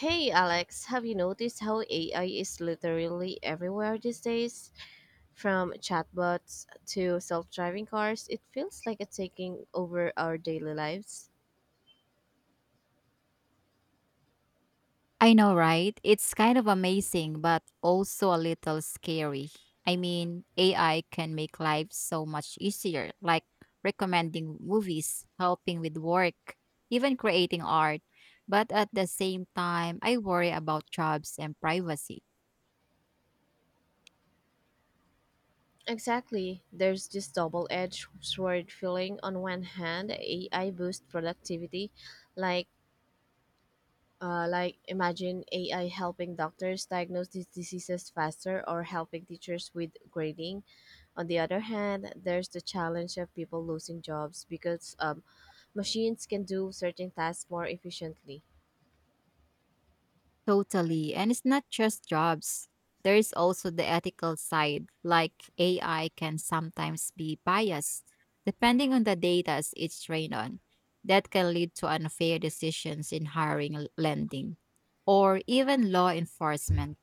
Hey Alex, have you noticed how AI is literally everywhere these days? From chatbots to self driving cars, it feels like it's taking over our daily lives. I know, right? It's kind of amazing, but also a little scary. I mean, AI can make life so much easier, like recommending movies, helping with work, even creating art. But at the same time, I worry about jobs and privacy. Exactly. There's this double edged sword feeling. On one hand, AI boosts productivity, like like imagine AI helping doctors diagnose these diseases faster or helping teachers with grading. On the other hand, there's the challenge of people losing jobs because machines can do certain tasks more efficiently. Totally. And it's not just jobs. There is also the ethical side, like AI can sometimes be biased depending on the data it's trained on. That can lead to unfair decisions in hiring, lending, or even law enforcement.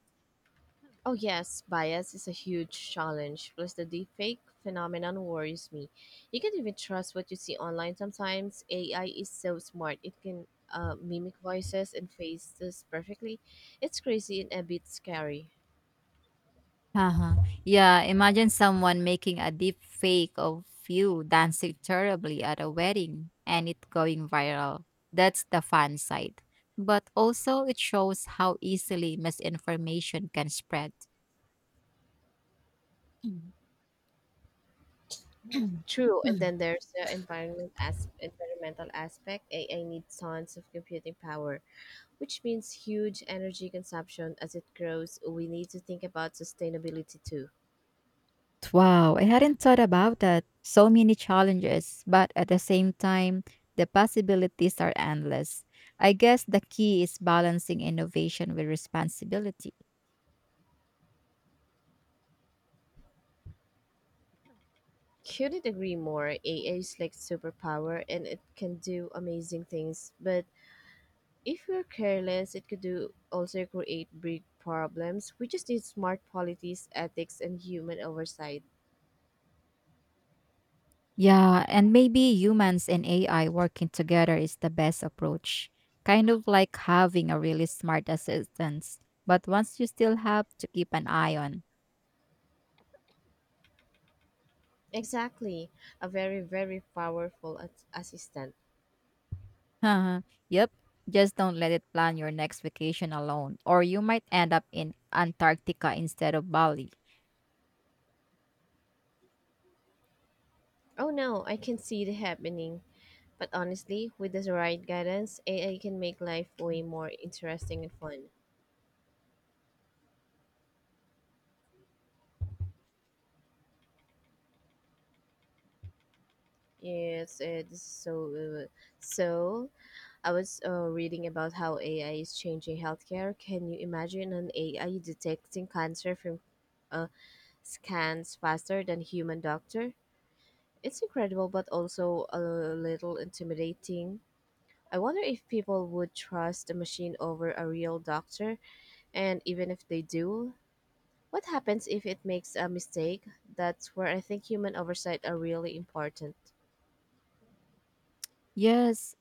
Oh, yes, bias is a huge challenge. Plus, the deepfake phenomenon worries me. You can't even trust what you see online sometimes. AI is so smart, it can mimic voices and faces perfectly. It's crazy and a bit scary. Uh-huh. Yeah, imagine someone making a deep fake of you dancing terribly at a wedding and it going viral. That's the fun side. But also, it shows how easily misinformation can spread. Mm. True, and then there's the environment as environmental aspect. AI needs tons of computing power, which means huge energy consumption as it grows. We need to think about sustainability too. Wow, I hadn't thought about that. So many challenges, but at the same time, the possibilities are endless. I guess the key is balancing innovation with responsibility. Mm. Mm. Couldn't agree more. AI is like superpower and it can do amazing things, but if we're careless, it could do also create big problems. We just need smart policies, ethics, and human oversight. Yeah, and maybe humans and AI working together is the best approach. Kind of like having a really smart assistant, but once you still have to keep an eye on. Exactly, a very, very powerful assistant. Uh-huh. Yep. Just don't let it plan your next vacation alone, or you might end up in Antarctica instead of Bali. Oh no, I can see it happening. But honestly, with the right guidance, AI can make life way more interesting and fun. Yes, it is so. So I was reading about how AI is changing healthcare. Can you imagine an AI detecting cancer from uh, scans faster than human doctor? It's incredible, but also a little intimidating. I wonder if people would trust a machine over a real doctor, and even if they do, what happens if it makes a mistake? That's where I think human oversight are really important. Yes.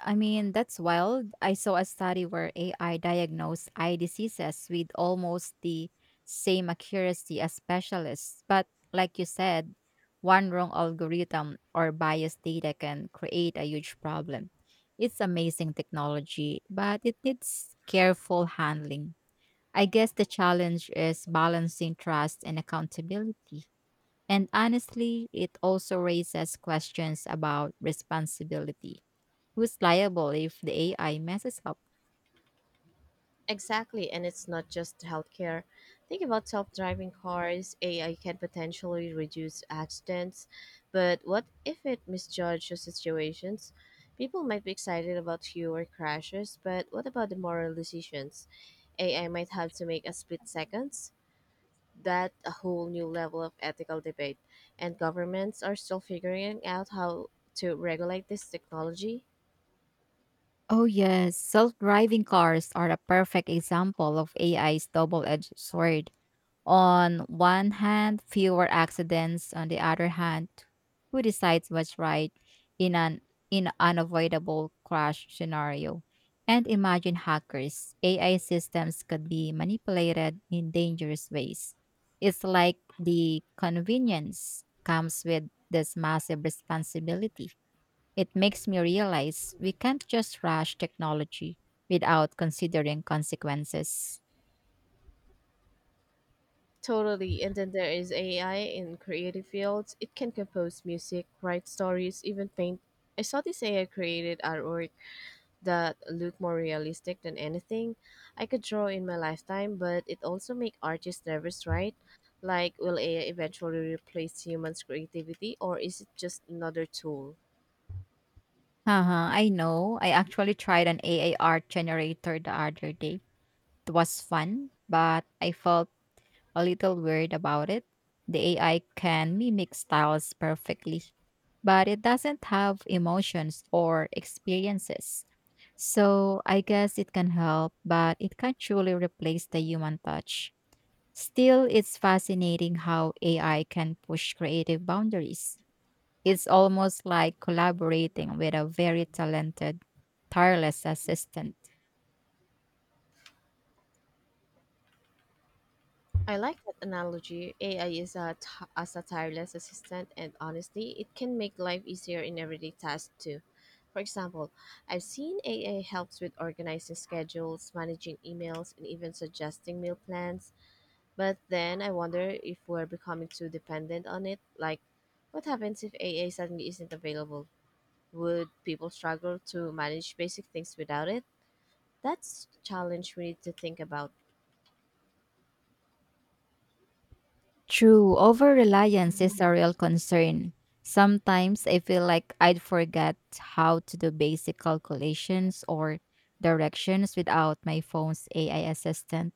I mean, that's wild. I saw a study where AI diagnosed eye diseases with almost the same accuracy as specialists. But like you said, one wrong algorithm or biased data can create a huge problem. It's amazing technology, but it needs careful handling. I guess the challenge is balancing trust and accountability. And honestly, it also raises questions about responsibility. Who's liable if the AI messes up? Exactly, and it's not just healthcare. Think about self driving cars. AI can potentially reduce accidents, but what if it misjudges situations? People might be excited about fewer crashes, but what about the moral decisions? AI might have to make a split seconds. That a whole new level of ethical debate, and governments are still figuring out how to regulate this technology. Oh, yes. Self driving cars are a perfect example of AI's double edged sword. On one hand, fewer accidents. On the other hand, who decides what's right in an in unavoidable crash scenario? And imagine hackers. AI systems could be manipulated in dangerous ways. It's like the convenience comes with this massive responsibility. It makes me realize we can't just rush technology without considering consequences. Totally. And then there is AI in creative fields. It can compose music, write stories, even paint. I saw this AI created artwork that looked more realistic than anything I could draw in my lifetime, but it also make artists nervous, right? Like, will AI eventually replace humans' creativity, or is it just another tool? Uh-huh, I know. I actually tried an AI art generator the other day. It was fun, but I felt a little weird about it. The AI can mimic styles perfectly, but it doesn't have emotions or experiences. So I guess it can help, but it can't truly replace the human touch. Still, it's fascinating how AI can push creative boundaries. It's almost like collaborating with a very talented, tireless assistant. I like that analogy. AI is as a tireless assistant, and honestly, it can make life easier in everyday tasks too. For example, I've seen AI helps with organizing schedules, managing emails, and even suggesting meal plans. But then I wonder if we're becoming too dependent on it. Like, what happens if AI suddenly isn't available? Would people struggle to manage basic things without it? That's a challenge we need to think about. True, over reliance is a real concern. Sometimes I feel like I'd forget how to do basic calculations or directions without my phone's AI assistant.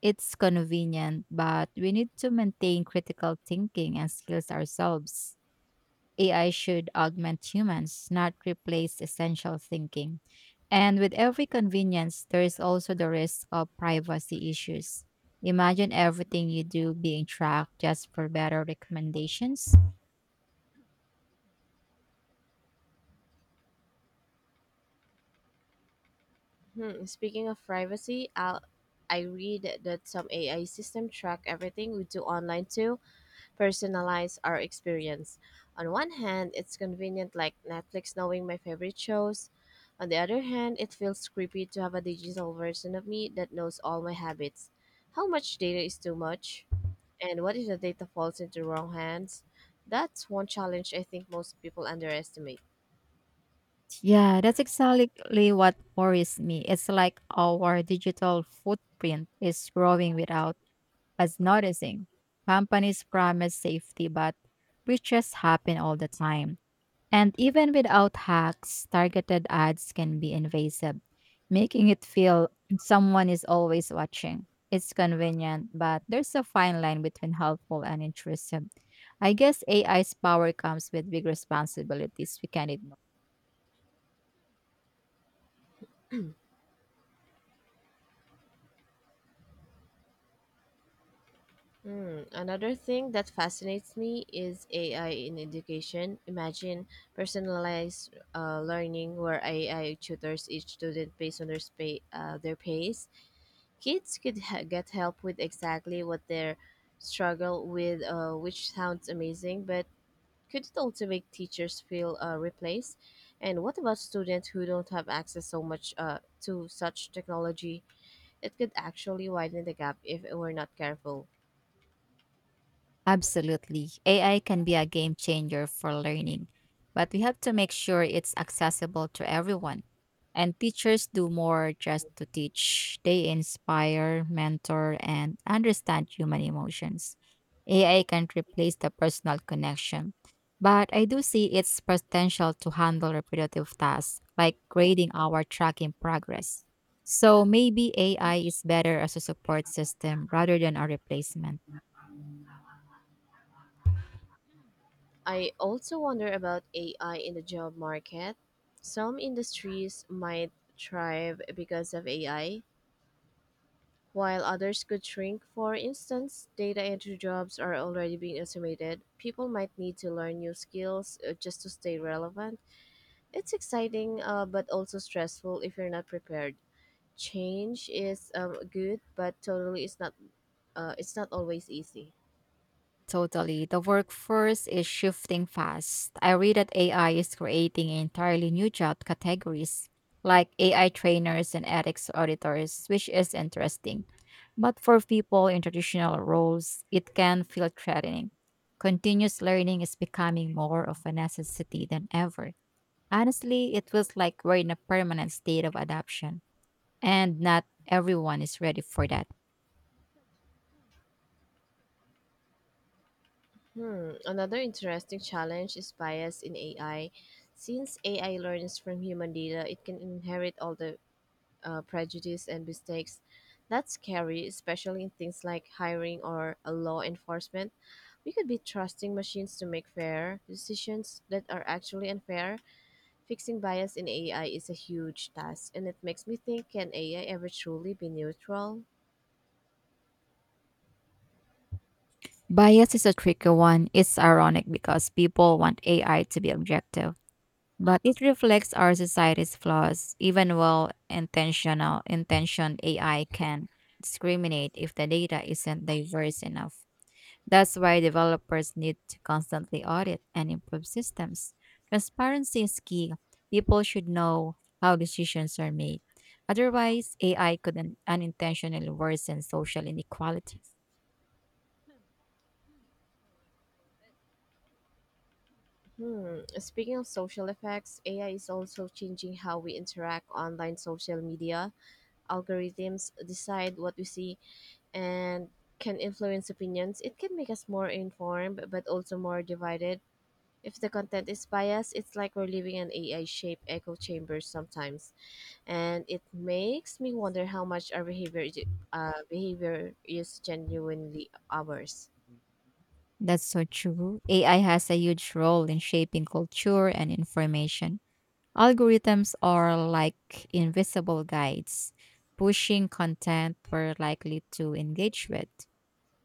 It's convenient, but we need to maintain critical thinking and skills ourselves. AI should augment humans, not replace essential thinking. And with every convenience, there is also the risk of privacy issues. Imagine everything you do being tracked just for better recommendations. Hmm, speaking of privacy, I read that some AI system track everything we do online to personalize our experience. On one hand, it's convenient like Netflix knowing my favorite shows. On the other hand, it feels creepy to have a digital version of me that knows all my habits. How much data is too much? And what if the data falls into wrong hands? That's one challenge I think most people underestimate. Yeah, that's exactly what worries me. It's like our digital footprint is growing without us noticing. Companies promise safety, but breaches happen all the time. And even without hacks, targeted ads can be invasive, making it feel someone is always watching. It's convenient, but there's a fine line between helpful and intrusive. I guess AI's power comes with big responsibilities we can ignore. Hmm, another thing that fascinates me is AI in education. Imagine personalized learning where AI tutors each student based on their pace. Kids could get help with exactly what they struggle with, which sounds amazing, but could it also make teachers feel replaced? And what about students who don't have access so much to such technology? It could actually widen the gap if we're not careful. Absolutely. AI can be a game changer for learning, but we have to make sure it's accessible to everyone. And teachers do more just to teach, they inspire, mentor, and understand human emotions. AI can't replace the personal connection, but I do see its potential to handle repetitive tasks like grading or tracking progress. So maybe AI is better as a support system rather than a replacement. I also wonder about AI in the job market. Some industries might thrive because of AI, while others could shrink. For instance, data entry jobs are already being automated. People might need to learn new skills just to stay relevant. It's exciting, but also stressful if you're not prepared. Change is good, but totally it's not. It's not always easy. Totally. The workforce is shifting fast. I read that AI is creating entirely new job categories, like AI trainers and ethics auditors, which is interesting. But for people in traditional roles, it can feel threatening. Continuous learning is becoming more of a necessity than ever. Honestly, it feels like we're in a permanent state of adaptation, and not everyone is ready for that. Hmm, another interesting challenge is bias in AI. Since AI learns from human data, it can inherit all the prejudice and mistakes. That's scary, especially in things like hiring or law enforcement. We could be trusting machines to make fair decisions that are actually unfair. Fixing bias in AI is a huge task, and it makes me think can AI ever truly be neutral? Bias is a tricky one. It's ironic because people want AI to be objective, but it reflects our society's flaws. Even well intentional intentioned AI can discriminate if the data isn't diverse enough. That's why developers need to constantly audit and improve systems. Transparency is key. People should know how decisions are made. Otherwise, AI could unintentionally worsen social inequalities. Hmm. Speaking of social effects, AI is also changing how we interact online social media. Algorithms decide what we see and can influence opinions. It can make us more informed, but also more divided. If the content is biased, it's like we're living in an AI shaped echo chamber sometimes. And it makes me wonder how much our behavior is genuinely ours. That's so true. AI has a huge role in shaping culture and information. Algorithms are like invisible guides, pushing content we're likely to engage with.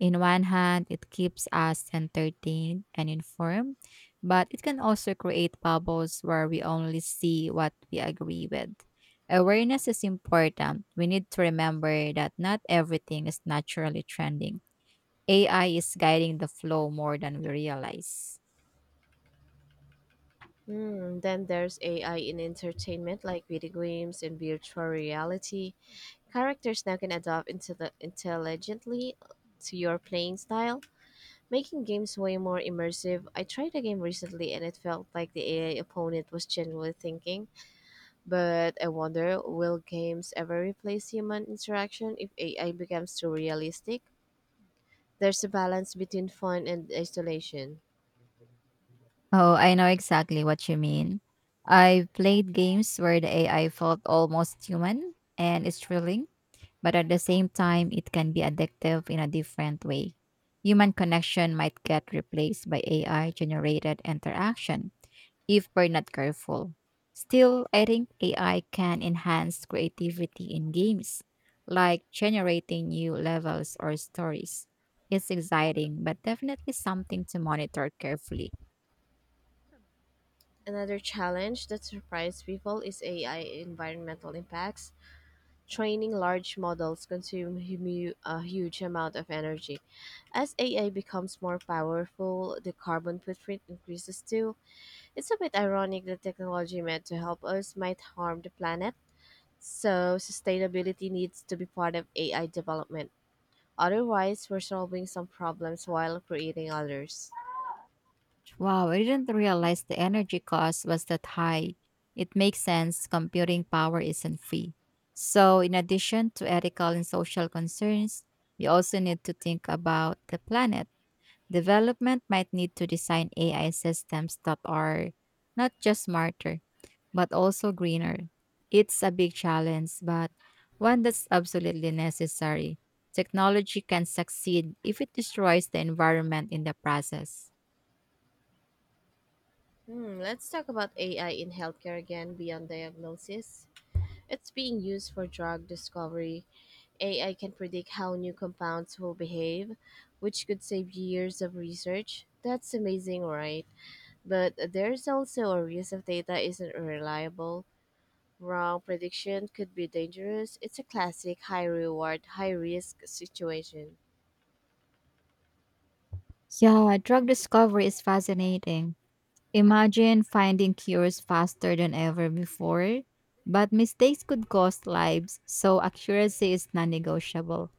In one hand, it keeps us entertained and informed, but it can also create bubbles where we only see what we agree with. Awareness is important. We need to remember that not everything is naturally trending. AI is guiding the flow more than we realize. Hmm, then there's AI in entertainment, like video games and virtual reality. Characters now can adapt intelligently to your playing style, making games way more immersive. I tried a game recently and it felt like the AI opponent was genuinely thinking, but I wonder will games ever replace human interaction if AI becomes too realistic? There's a balance between fun and isolation. Oh, I know exactly what you mean. I've played games where the AI felt almost human and it's thrilling, but at the same time, it can be addictive in a different way. Human connection might get replaced by AI generated interaction, if we're not careful. Still, I think AI can enhance creativity in games, like generating new levels or stories. It's exciting, but definitely something to monitor carefully. Another challenge that surprised people is AI environmental impacts. Training large models consume a huge amount of energy. As AI becomes more powerful, the carbon footprint increases too. It's a bit ironic that technology meant to help us might harm the planet. So, sustainability needs to be part of AI development. Otherwise, we're solving some problems while creating others. Wow, I didn't realize the energy cost was that high. It makes sense, computing power isn't free. So, in addition to ethical and social concerns, we also need to think about the planet. Development might need to design AI systems that are not just smarter, but also greener. It's a big challenge, but one that's absolutely necessary. Technology can succeed if it destroys the environment in the process. Hmm, let's talk about AI in healthcare again beyond diagnosis. It's being used for drug discovery, AI can predict how new compounds will behave, which could save years of research. That's amazing, right? But there's also a risk if data isn't reliable. Wrong prediction could be dangerous. It's a classic high reward, high risk situation. Yeah, drug discovery is fascinating. Imagine finding cures faster than ever before, but mistakes could cost lives, so accuracy is non negotiable.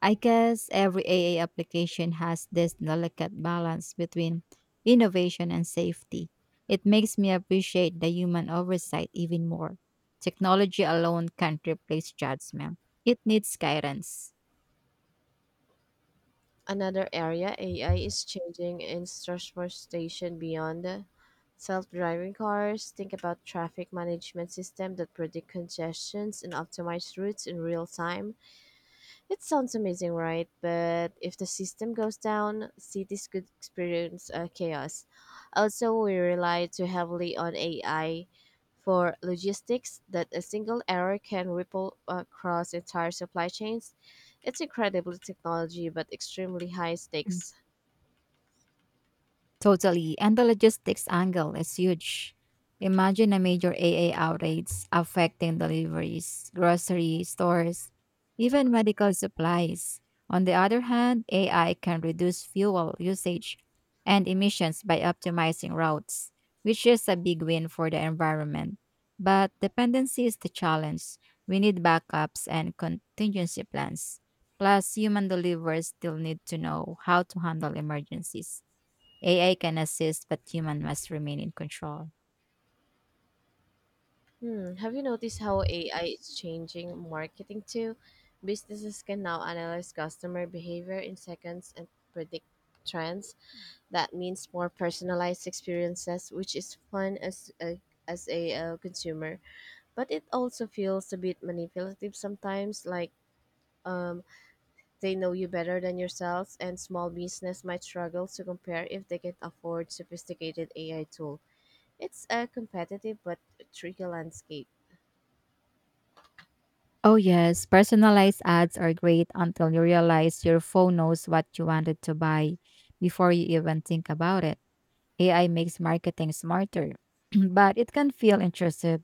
I guess every AA application has this delicate balance between innovation and safety. It makes me appreciate the human oversight even more. Technology alone can't replace judgment, it needs guidance. Another area AI is changing is transportation beyond self-driving cars. Think about traffic management system that predict congestions and optimize routes in real time. It sounds amazing, right? But if the system goes down, cities could experience chaos. Also, we rely too heavily on AI for logistics that a single error can ripple across entire supply chains. It's incredible technology, but extremely high stakes. Totally. And the logistics angle is huge. Imagine a major AA outage affecting deliveries, grocery stores, even medical supplies. On the other hand, AI can reduce fuel usage and emissions by optimizing routes, which is a big win for the environment. But dependency is the challenge. We need backups and contingency plans. Plus, human deliverers still need to know how to handle emergencies. AI can assist, but human must remain in control. Hmm. Have you noticed how AI is changing marketing too? Businesses can now analyze customer behavior in seconds and predict trends. That means more personalized experiences, which is fun as a consumer, but it also feels a bit manipulative sometimes. Like um, they know you better than yourselves, and small business might struggle to compare if they can afford sophisticated AI tool. It's a competitive but tricky landscape. Oh, yes, personalized ads are great until you realize your phone knows what you wanted to buy before you even think about it. AI makes marketing smarter, but it can feel intrusive.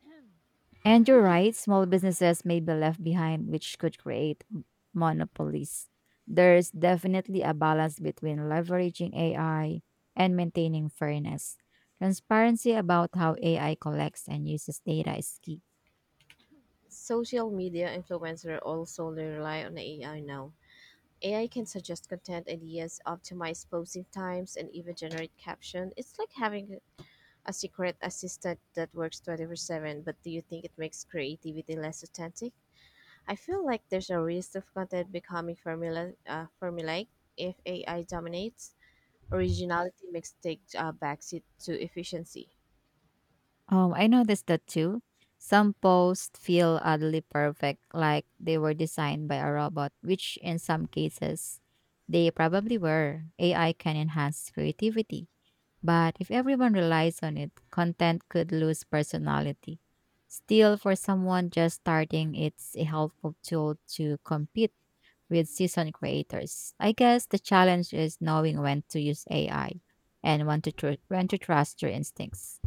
And you're right, small businesses may be left behind, which could create monopolies. There's definitely a balance between leveraging AI and maintaining fairness. Transparency about how AI collects and uses data is key. Social media influencers also rely on AI now. AI can suggest content ideas, optimize posting times, and even generate caption. It's like having a secret assistant that works 24/7, but do you think it makes creativity less authentic? I feel like there's a risk of content becoming formulaic if AI dominates. Originality makes take a backseat to efficiency. I noticed that too. Some posts feel oddly perfect, like they were designed by a robot, which in some cases they probably were. AI can enhance creativity. But if everyone relies on it, content could lose personality. Still, for someone just starting, it's a helpful tool to compete with seasoned creators. I guess the challenge is knowing when to use AI and when to trust your instincts.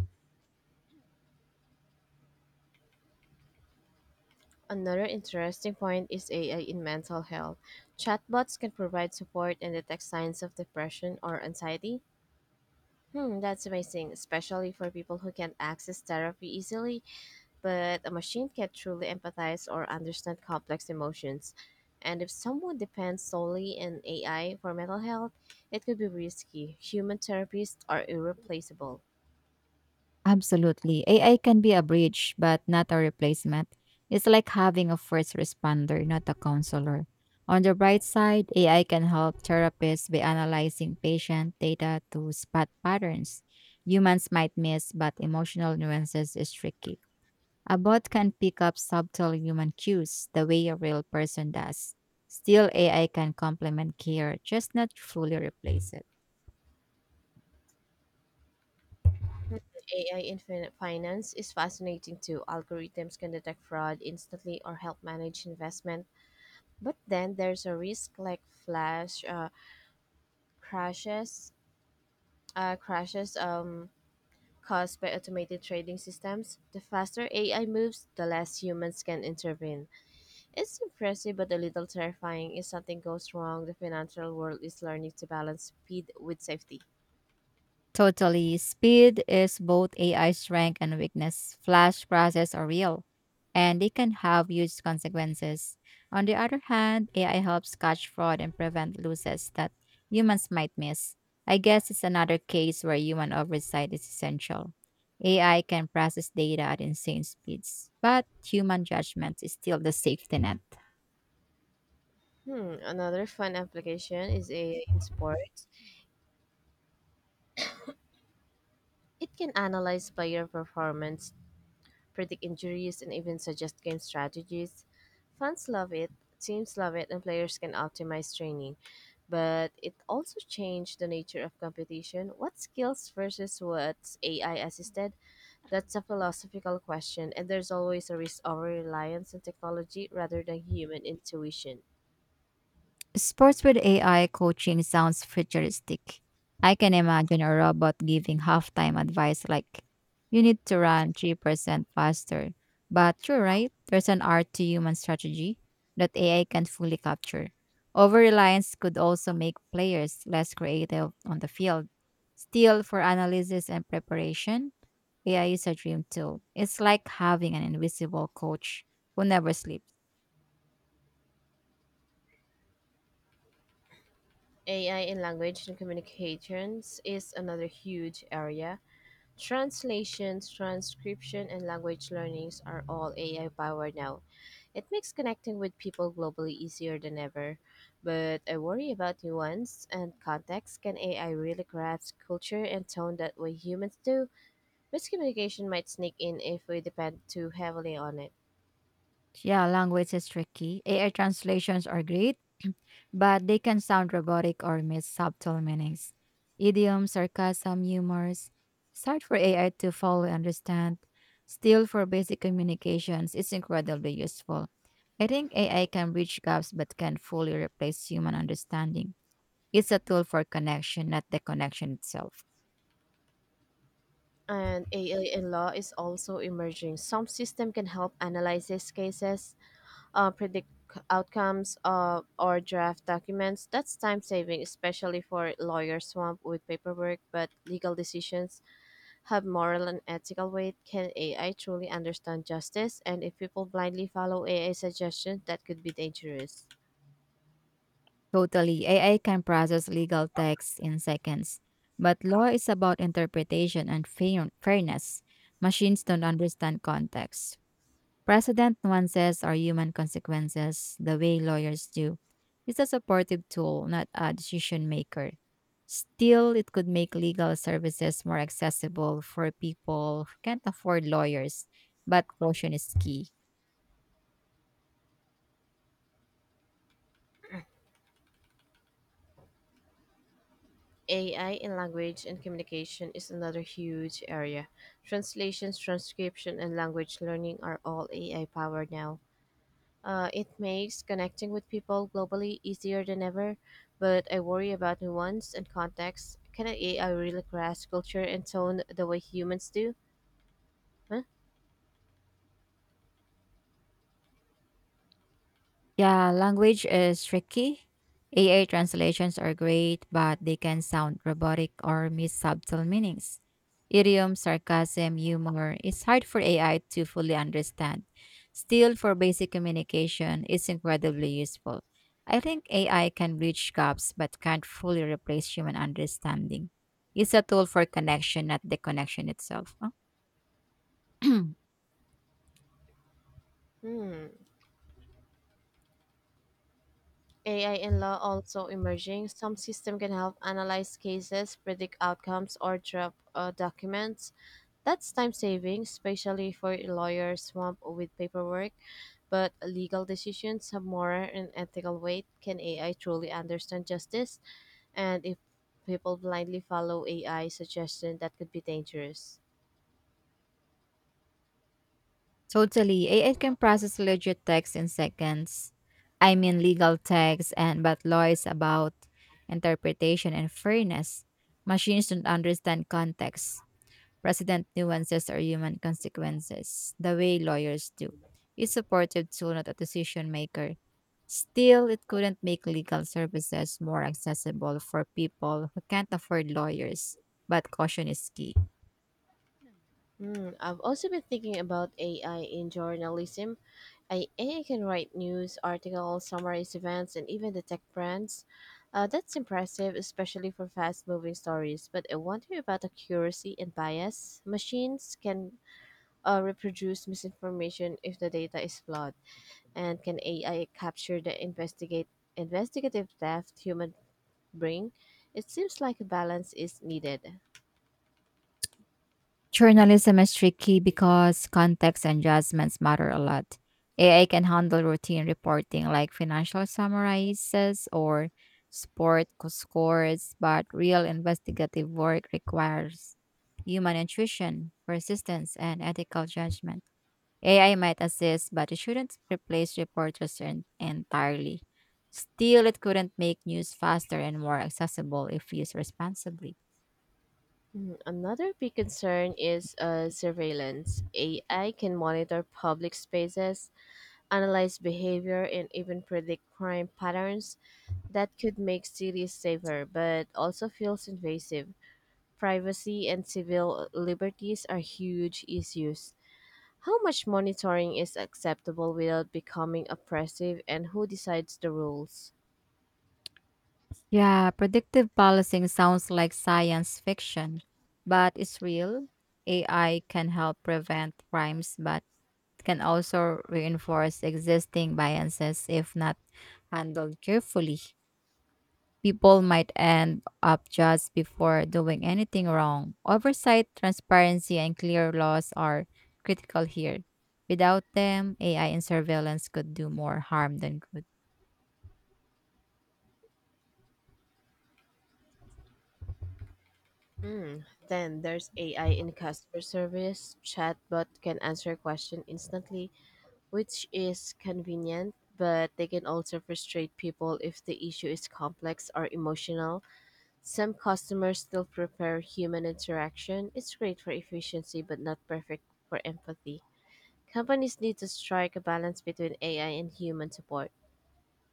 Another interesting point is AI in mental health. Chatbots can provide support and detect signs of depression or anxiety. Hmm, that's amazing, especially for people who can't access therapy easily, but a machine can't truly empathize or understand complex emotions. And if someone depends solely on AI for mental health, it could be risky. Human therapists are irreplaceable. Absolutely. AI can be a bridge, but not a replacement. It's like having a first responder, not a counselor. On the bright side, AI can help therapists by analyzing patient data to spot patterns humans might miss, but emotional nuances is tricky. A bot can pick up subtle human cues the way a real person does. Still, AI can complement care, just not fully replace it. AI in finance is fascinating too. Algorithms can detect fraud instantly or help manage investment. But then there's a risk like flash uh, crashes, uh, crashes um, caused by automated trading systems. The faster AI moves, the less humans can intervene. It's impressive but a little terrifying. If something goes wrong, the financial world is learning to balance speed with safety. Totally. Speed is both AI's strength and weakness. Flash crashes are real, and they can have huge consequences. On the other hand, AI helps catch fraud and prevent losses that humans might miss. I guess it's another case where human oversight is essential. AI can process data at insane speeds, but human judgment is still the safety net. Hmm, another fun application is AI in sports. It can analyze player performance, predict injuries, and even suggest game strategies. Fans love it, teams love it, and players can optimize training. But it also changed the nature of competition. What skills versus what's AI assisted? That's a philosophical question, and there's always a risk of reliance on technology rather than human intuition. Sports with AI coaching sounds futuristic. I can imagine a robot giving halftime advice like, you need to run 3% faster. But you're right, there's an art to human strategy that AI can not fully capture. Over reliance could also make players less creative on the field. Still, for analysis and preparation, AI is a dream tool. It's like having an invisible coach who never sleeps. AI in language and communications is another huge area. Translations, transcription, and language learnings are all AI powered now. It makes connecting with people globally easier than ever. But I worry about nuance and context. Can AI really grasp culture and tone that way humans do? Miscommunication might sneak in if we depend too heavily on it. Yeah, language is tricky. AI translations are great but they can sound robotic or miss subtle meanings. Idioms, sarcasm, humors. It's hard for AI to fully understand. Still, for basic communications, it's incredibly useful. I think AI can bridge gaps but can fully replace human understanding. It's a tool for connection, not the connection itself. And AI in law is also emerging. Some system can help analyze these cases, predict outcomes, or draft documents. That's time saving, especially for lawyers swamped with paperwork. But legal decisions have moral and ethical weight. Can AI truly understand justice? And if people blindly follow AI suggestions, that could be dangerous. Totally, AI can process legal texts in seconds. But law is about interpretation and fairness. Machines don't understand context. Precedent nuances are human consequences, the way lawyers do. It's a supportive tool, not a decision maker. Still, it could make legal services more accessible for people who can't afford lawyers, but caution is key. AI in language and communication is another huge area. Translations, transcription, and language learning are all AI powered now. It makes connecting with people globally easier than ever, but I worry about nuance and context. Can AI really grasp culture and tone the way humans do? Huh? Yeah, language is tricky. AI translations are great, but they can sound robotic or miss subtle meanings. Idiom, sarcasm, humor is hard for AI to fully understand. Still, for basic communication, it's incredibly useful. I think AI can bridge gaps but can't fully replace human understanding. It's a tool for connection, not the connection itself. Hmm. AI in law also emerging. Some system can help analyze cases, predict outcomes, or draft documents. That's time saving, especially for lawyers swamped with paperwork. But legal decisions have moral and ethical weight. Can AI truly understand justice? And if people blindly follow AI suggestion, that could be dangerous. Totally. AI can process legit text in seconds. Legal text, and but law is about interpretation and fairness. Machines don't understand context, precedent nuances or human consequences the way lawyers do. It's supportive tool, not a decision maker. Still, it couldn't make legal services more accessible for people who can't afford lawyers, but caution is key. Hmm, I've also been thinking about AI in journalism. AI can write news, articles, summarize events, and even detect brands. That's impressive, especially for fast moving stories. But I wonder about accuracy and bias. Machines can reproduce misinformation if the data is flawed. And can AI capture the investigate investigative depth human bring? It seems like a balance is needed. Journalism is tricky because context and judgments matter a lot. AI can handle routine reporting like financial summarizes or scores, but real investigative work requires human intuition, persistence, and ethical judgment. AI might assist, but it shouldn't replace entirely. Still, it couldn't make news faster and more accessible if used responsibly. Mm, another big concern is surveillance. AI can monitor public spaces, analyze behavior, and even predict crime patterns that could make cities safer, but also feels invasive. Privacy and civil liberties are huge issues. How much monitoring is acceptable without becoming oppressive, and who decides the rules? Yeah, predictive policing sounds like science fiction, but it's real. AI can help prevent crimes, but can also reinforce existing biases if not handled carefully. People might end up just before doing anything wrong. Oversight, transparency, and clear laws are critical here. Without them, AI and surveillance could do more harm than good. Mm. Then there's AI in customer service. Chatbot can answer question instantly, which is convenient, but they can also frustrate people if the issue is complex or emotional. Some customers still prefer human interaction. It's great for efficiency, but not perfect for empathy. Companies need to strike a balance between AI and human support.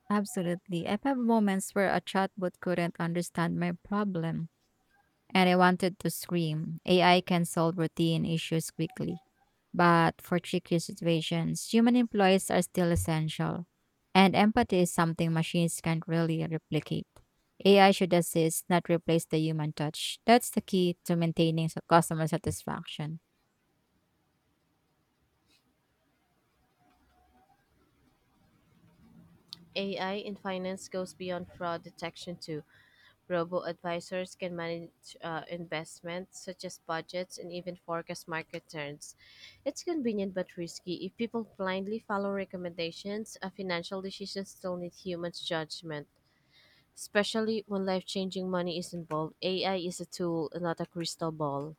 Absolutely. I've had moments where a chatbot couldn't understand my problem and I wanted to scream. AI can solve routine issues quickly, but for tricky situations, human employees are still essential, and empathy is something machines can't really replicate. AI should assist, not replace the human touch. That's the key to maintaining customer satisfaction. AI in finance goes beyond fraud detection too. Robo advisors can manage investments such as budgets and even forecast market turns. It's convenient but risky. If people blindly follow recommendations, financial decisions still need human judgment, especially when life changing money is involved. AI is a tool, not a crystal ball.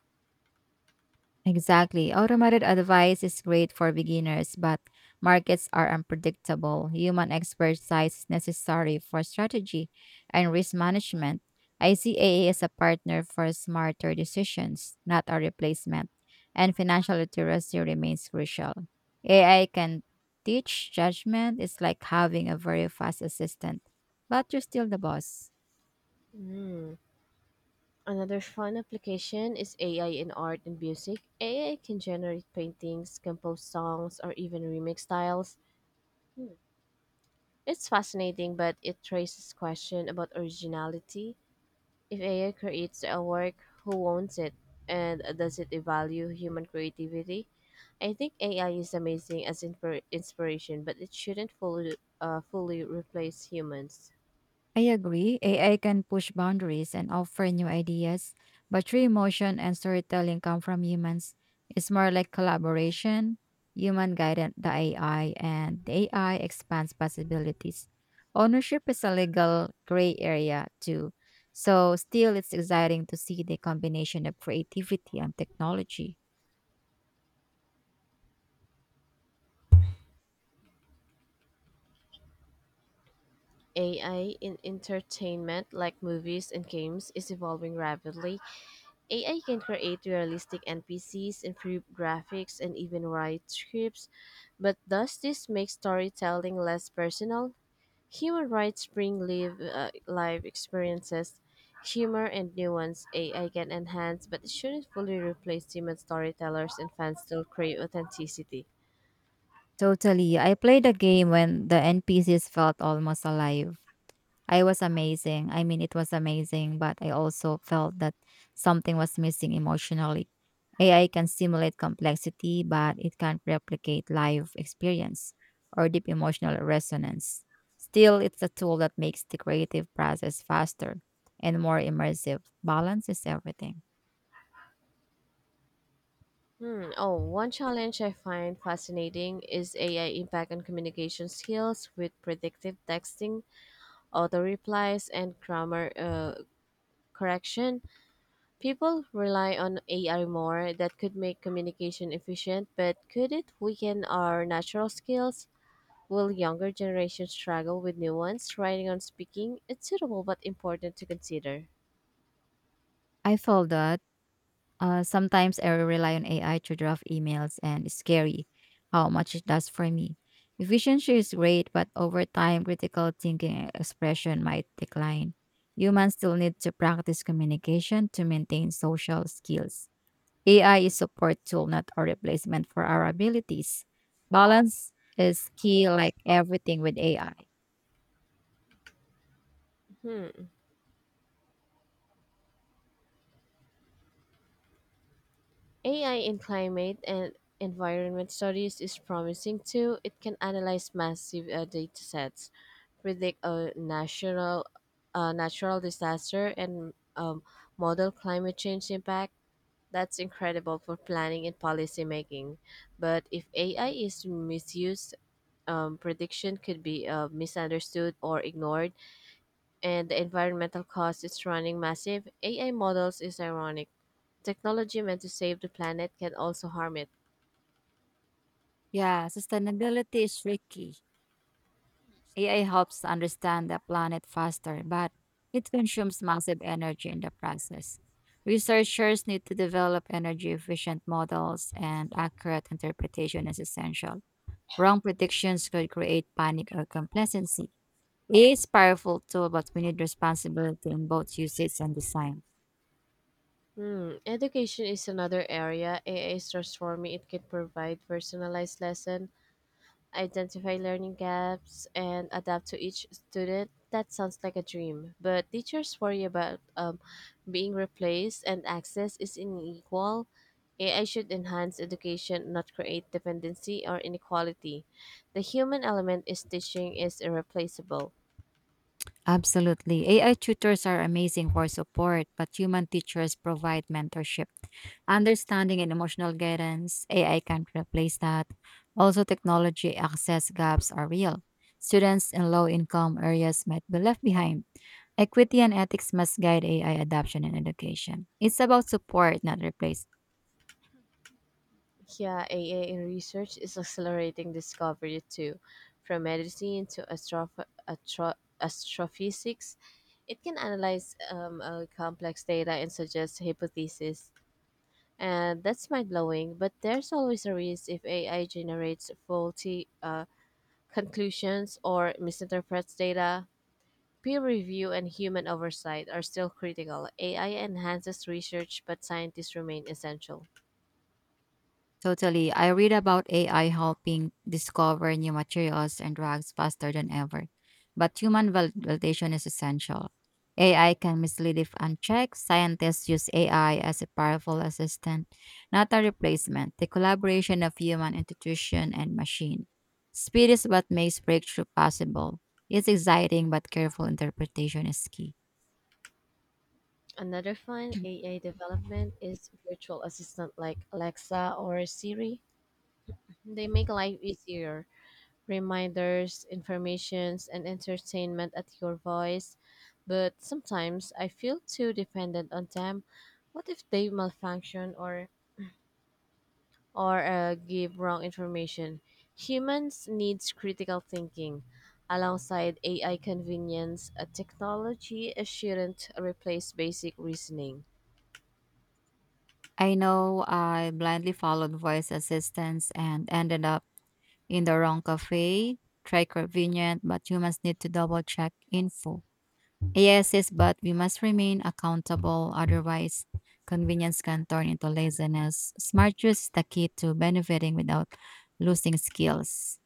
Exactly. Automated advice is great for beginners, but markets are unpredictable. Human expertise is necessary for strategy and risk management. I see AA as a partner for smarter decisions, not a replacement. And financial literacy remains crucial. AI can teach judgment. It's like having a very fast assistant, but you're still the boss. Mm. Another fun application is AI in art and music. AI can generate paintings, compose songs, or even remix styles. It's fascinating, but it raises question about originality. If AI creates a work, who owns it? And does it devalue human creativity? I think AI is amazing as inspiration, but it shouldn't fully, fully replace humans. I agree. AI can push boundaries and offer new ideas, but true emotion and storytelling come from humans. It's more like collaboration. Human guided the AI, and the AI expands possibilities. Ownership is a legal gray area, too. So, still, it's exciting to see the combination of creativity and technology. AI in entertainment, like movies and games, is evolving rapidly. AI can create realistic NPCs, improve graphics, and even write scripts. But does this make storytelling less personal? Human rights bring live, live experiences, humor, and nuance AI can enhance, but it shouldn't fully replace human storytellers, and fans still crave authenticity. Totally. I played a game when the NPCs felt almost alive. I was amazing. I mean, it was amazing, but I also felt that something was missing emotionally. AI can simulate complexity, but it can't replicate live experience or deep emotional resonance. Still, it's a tool that makes the creative process faster and more immersive. Balance is everything. Hmm. Oh, one challenge I find fascinating is AI impact on communication skills with predictive texting, auto replies, and grammar correction. People rely on AI more. That could make communication efficient, but could it weaken our natural skills? Will younger generations struggle with nuance, writing, and speaking? It's suitable but important to consider. I felt that. Sometimes I rely on AI to draft emails, and it's scary how much it does for me. Efficiency is great, but over time, critical thinking and expression might decline. Humans still need to practice communication to maintain social skills. AI is support tool, not a replacement for our abilities. Balance is key, like everything with AI. Hmm. AI in climate and environment studies is promising too. It can analyze massive data sets, predict a natural disaster, and model climate change impact. That's incredible for planning and policy making. But if AI is misused, prediction could be misunderstood or ignored, and the environmental cost is running massive. AI models is ironic. Technology meant to save the planet can also harm it. Yeah, sustainability is tricky. AI helps understand the planet faster, but it consumes massive energy in the process. Researchers need to develop energy efficient models, and accurate interpretation is essential. Wrong predictions could create panic or complacency. AI is powerful tool, but we need responsibility in both usage and design. Hmm. Education is another area AI is transforming. It can provide personalized lesson, identify learning gaps, and adapt to each student. That sounds like a dream, but teachers worry about being replaced and access is unequal. AI should enhance education, not create dependency or inequality. The human element is teaching is irreplaceable. Absolutely. AI tutors are amazing for support, but human teachers provide mentorship. Understanding and emotional guidance, AI can't replace that. Also, technology access gaps are real. Students in low income areas might be left behind. Equity and ethics must guide AI adoption in education. It's about support, not replace. Yeah, AI in research is accelerating discovery too. From medicine to astrophysics, it can analyze complex data and suggest hypotheses. And that's mind blowing, but there's always a risk if AI generates faulty conclusions or misinterprets data. Peer review and human oversight are still critical. AI enhances research, but scientists remain essential. Totally. I read about AI helping discover new materials and drugs faster than ever. But validation is essential. AI can mislead if unchecked. Scientists use AI as a powerful assistant, not a replacement. The collaboration of human institution and machine. Speed is what makes breakthrough possible. It's exciting, but careful interpretation is key. Another fun AI development is virtual assistant like Alexa or Siri. They make life easier. Reminders, informations, and entertainment at your voice. But sometimes I feel too dependent on them. What if they malfunction or give wrong information? Humans needs critical thinking. Alongside AI convenience, a technology shouldn't replace basic reasoning. I know I blindly followed voice assistants and ended up in the wrong cafe. Try convenient, but humans need to double check info. AI says, but we must remain accountable, otherwise, convenience can turn into laziness. Smart use is the key to benefiting without losing skills.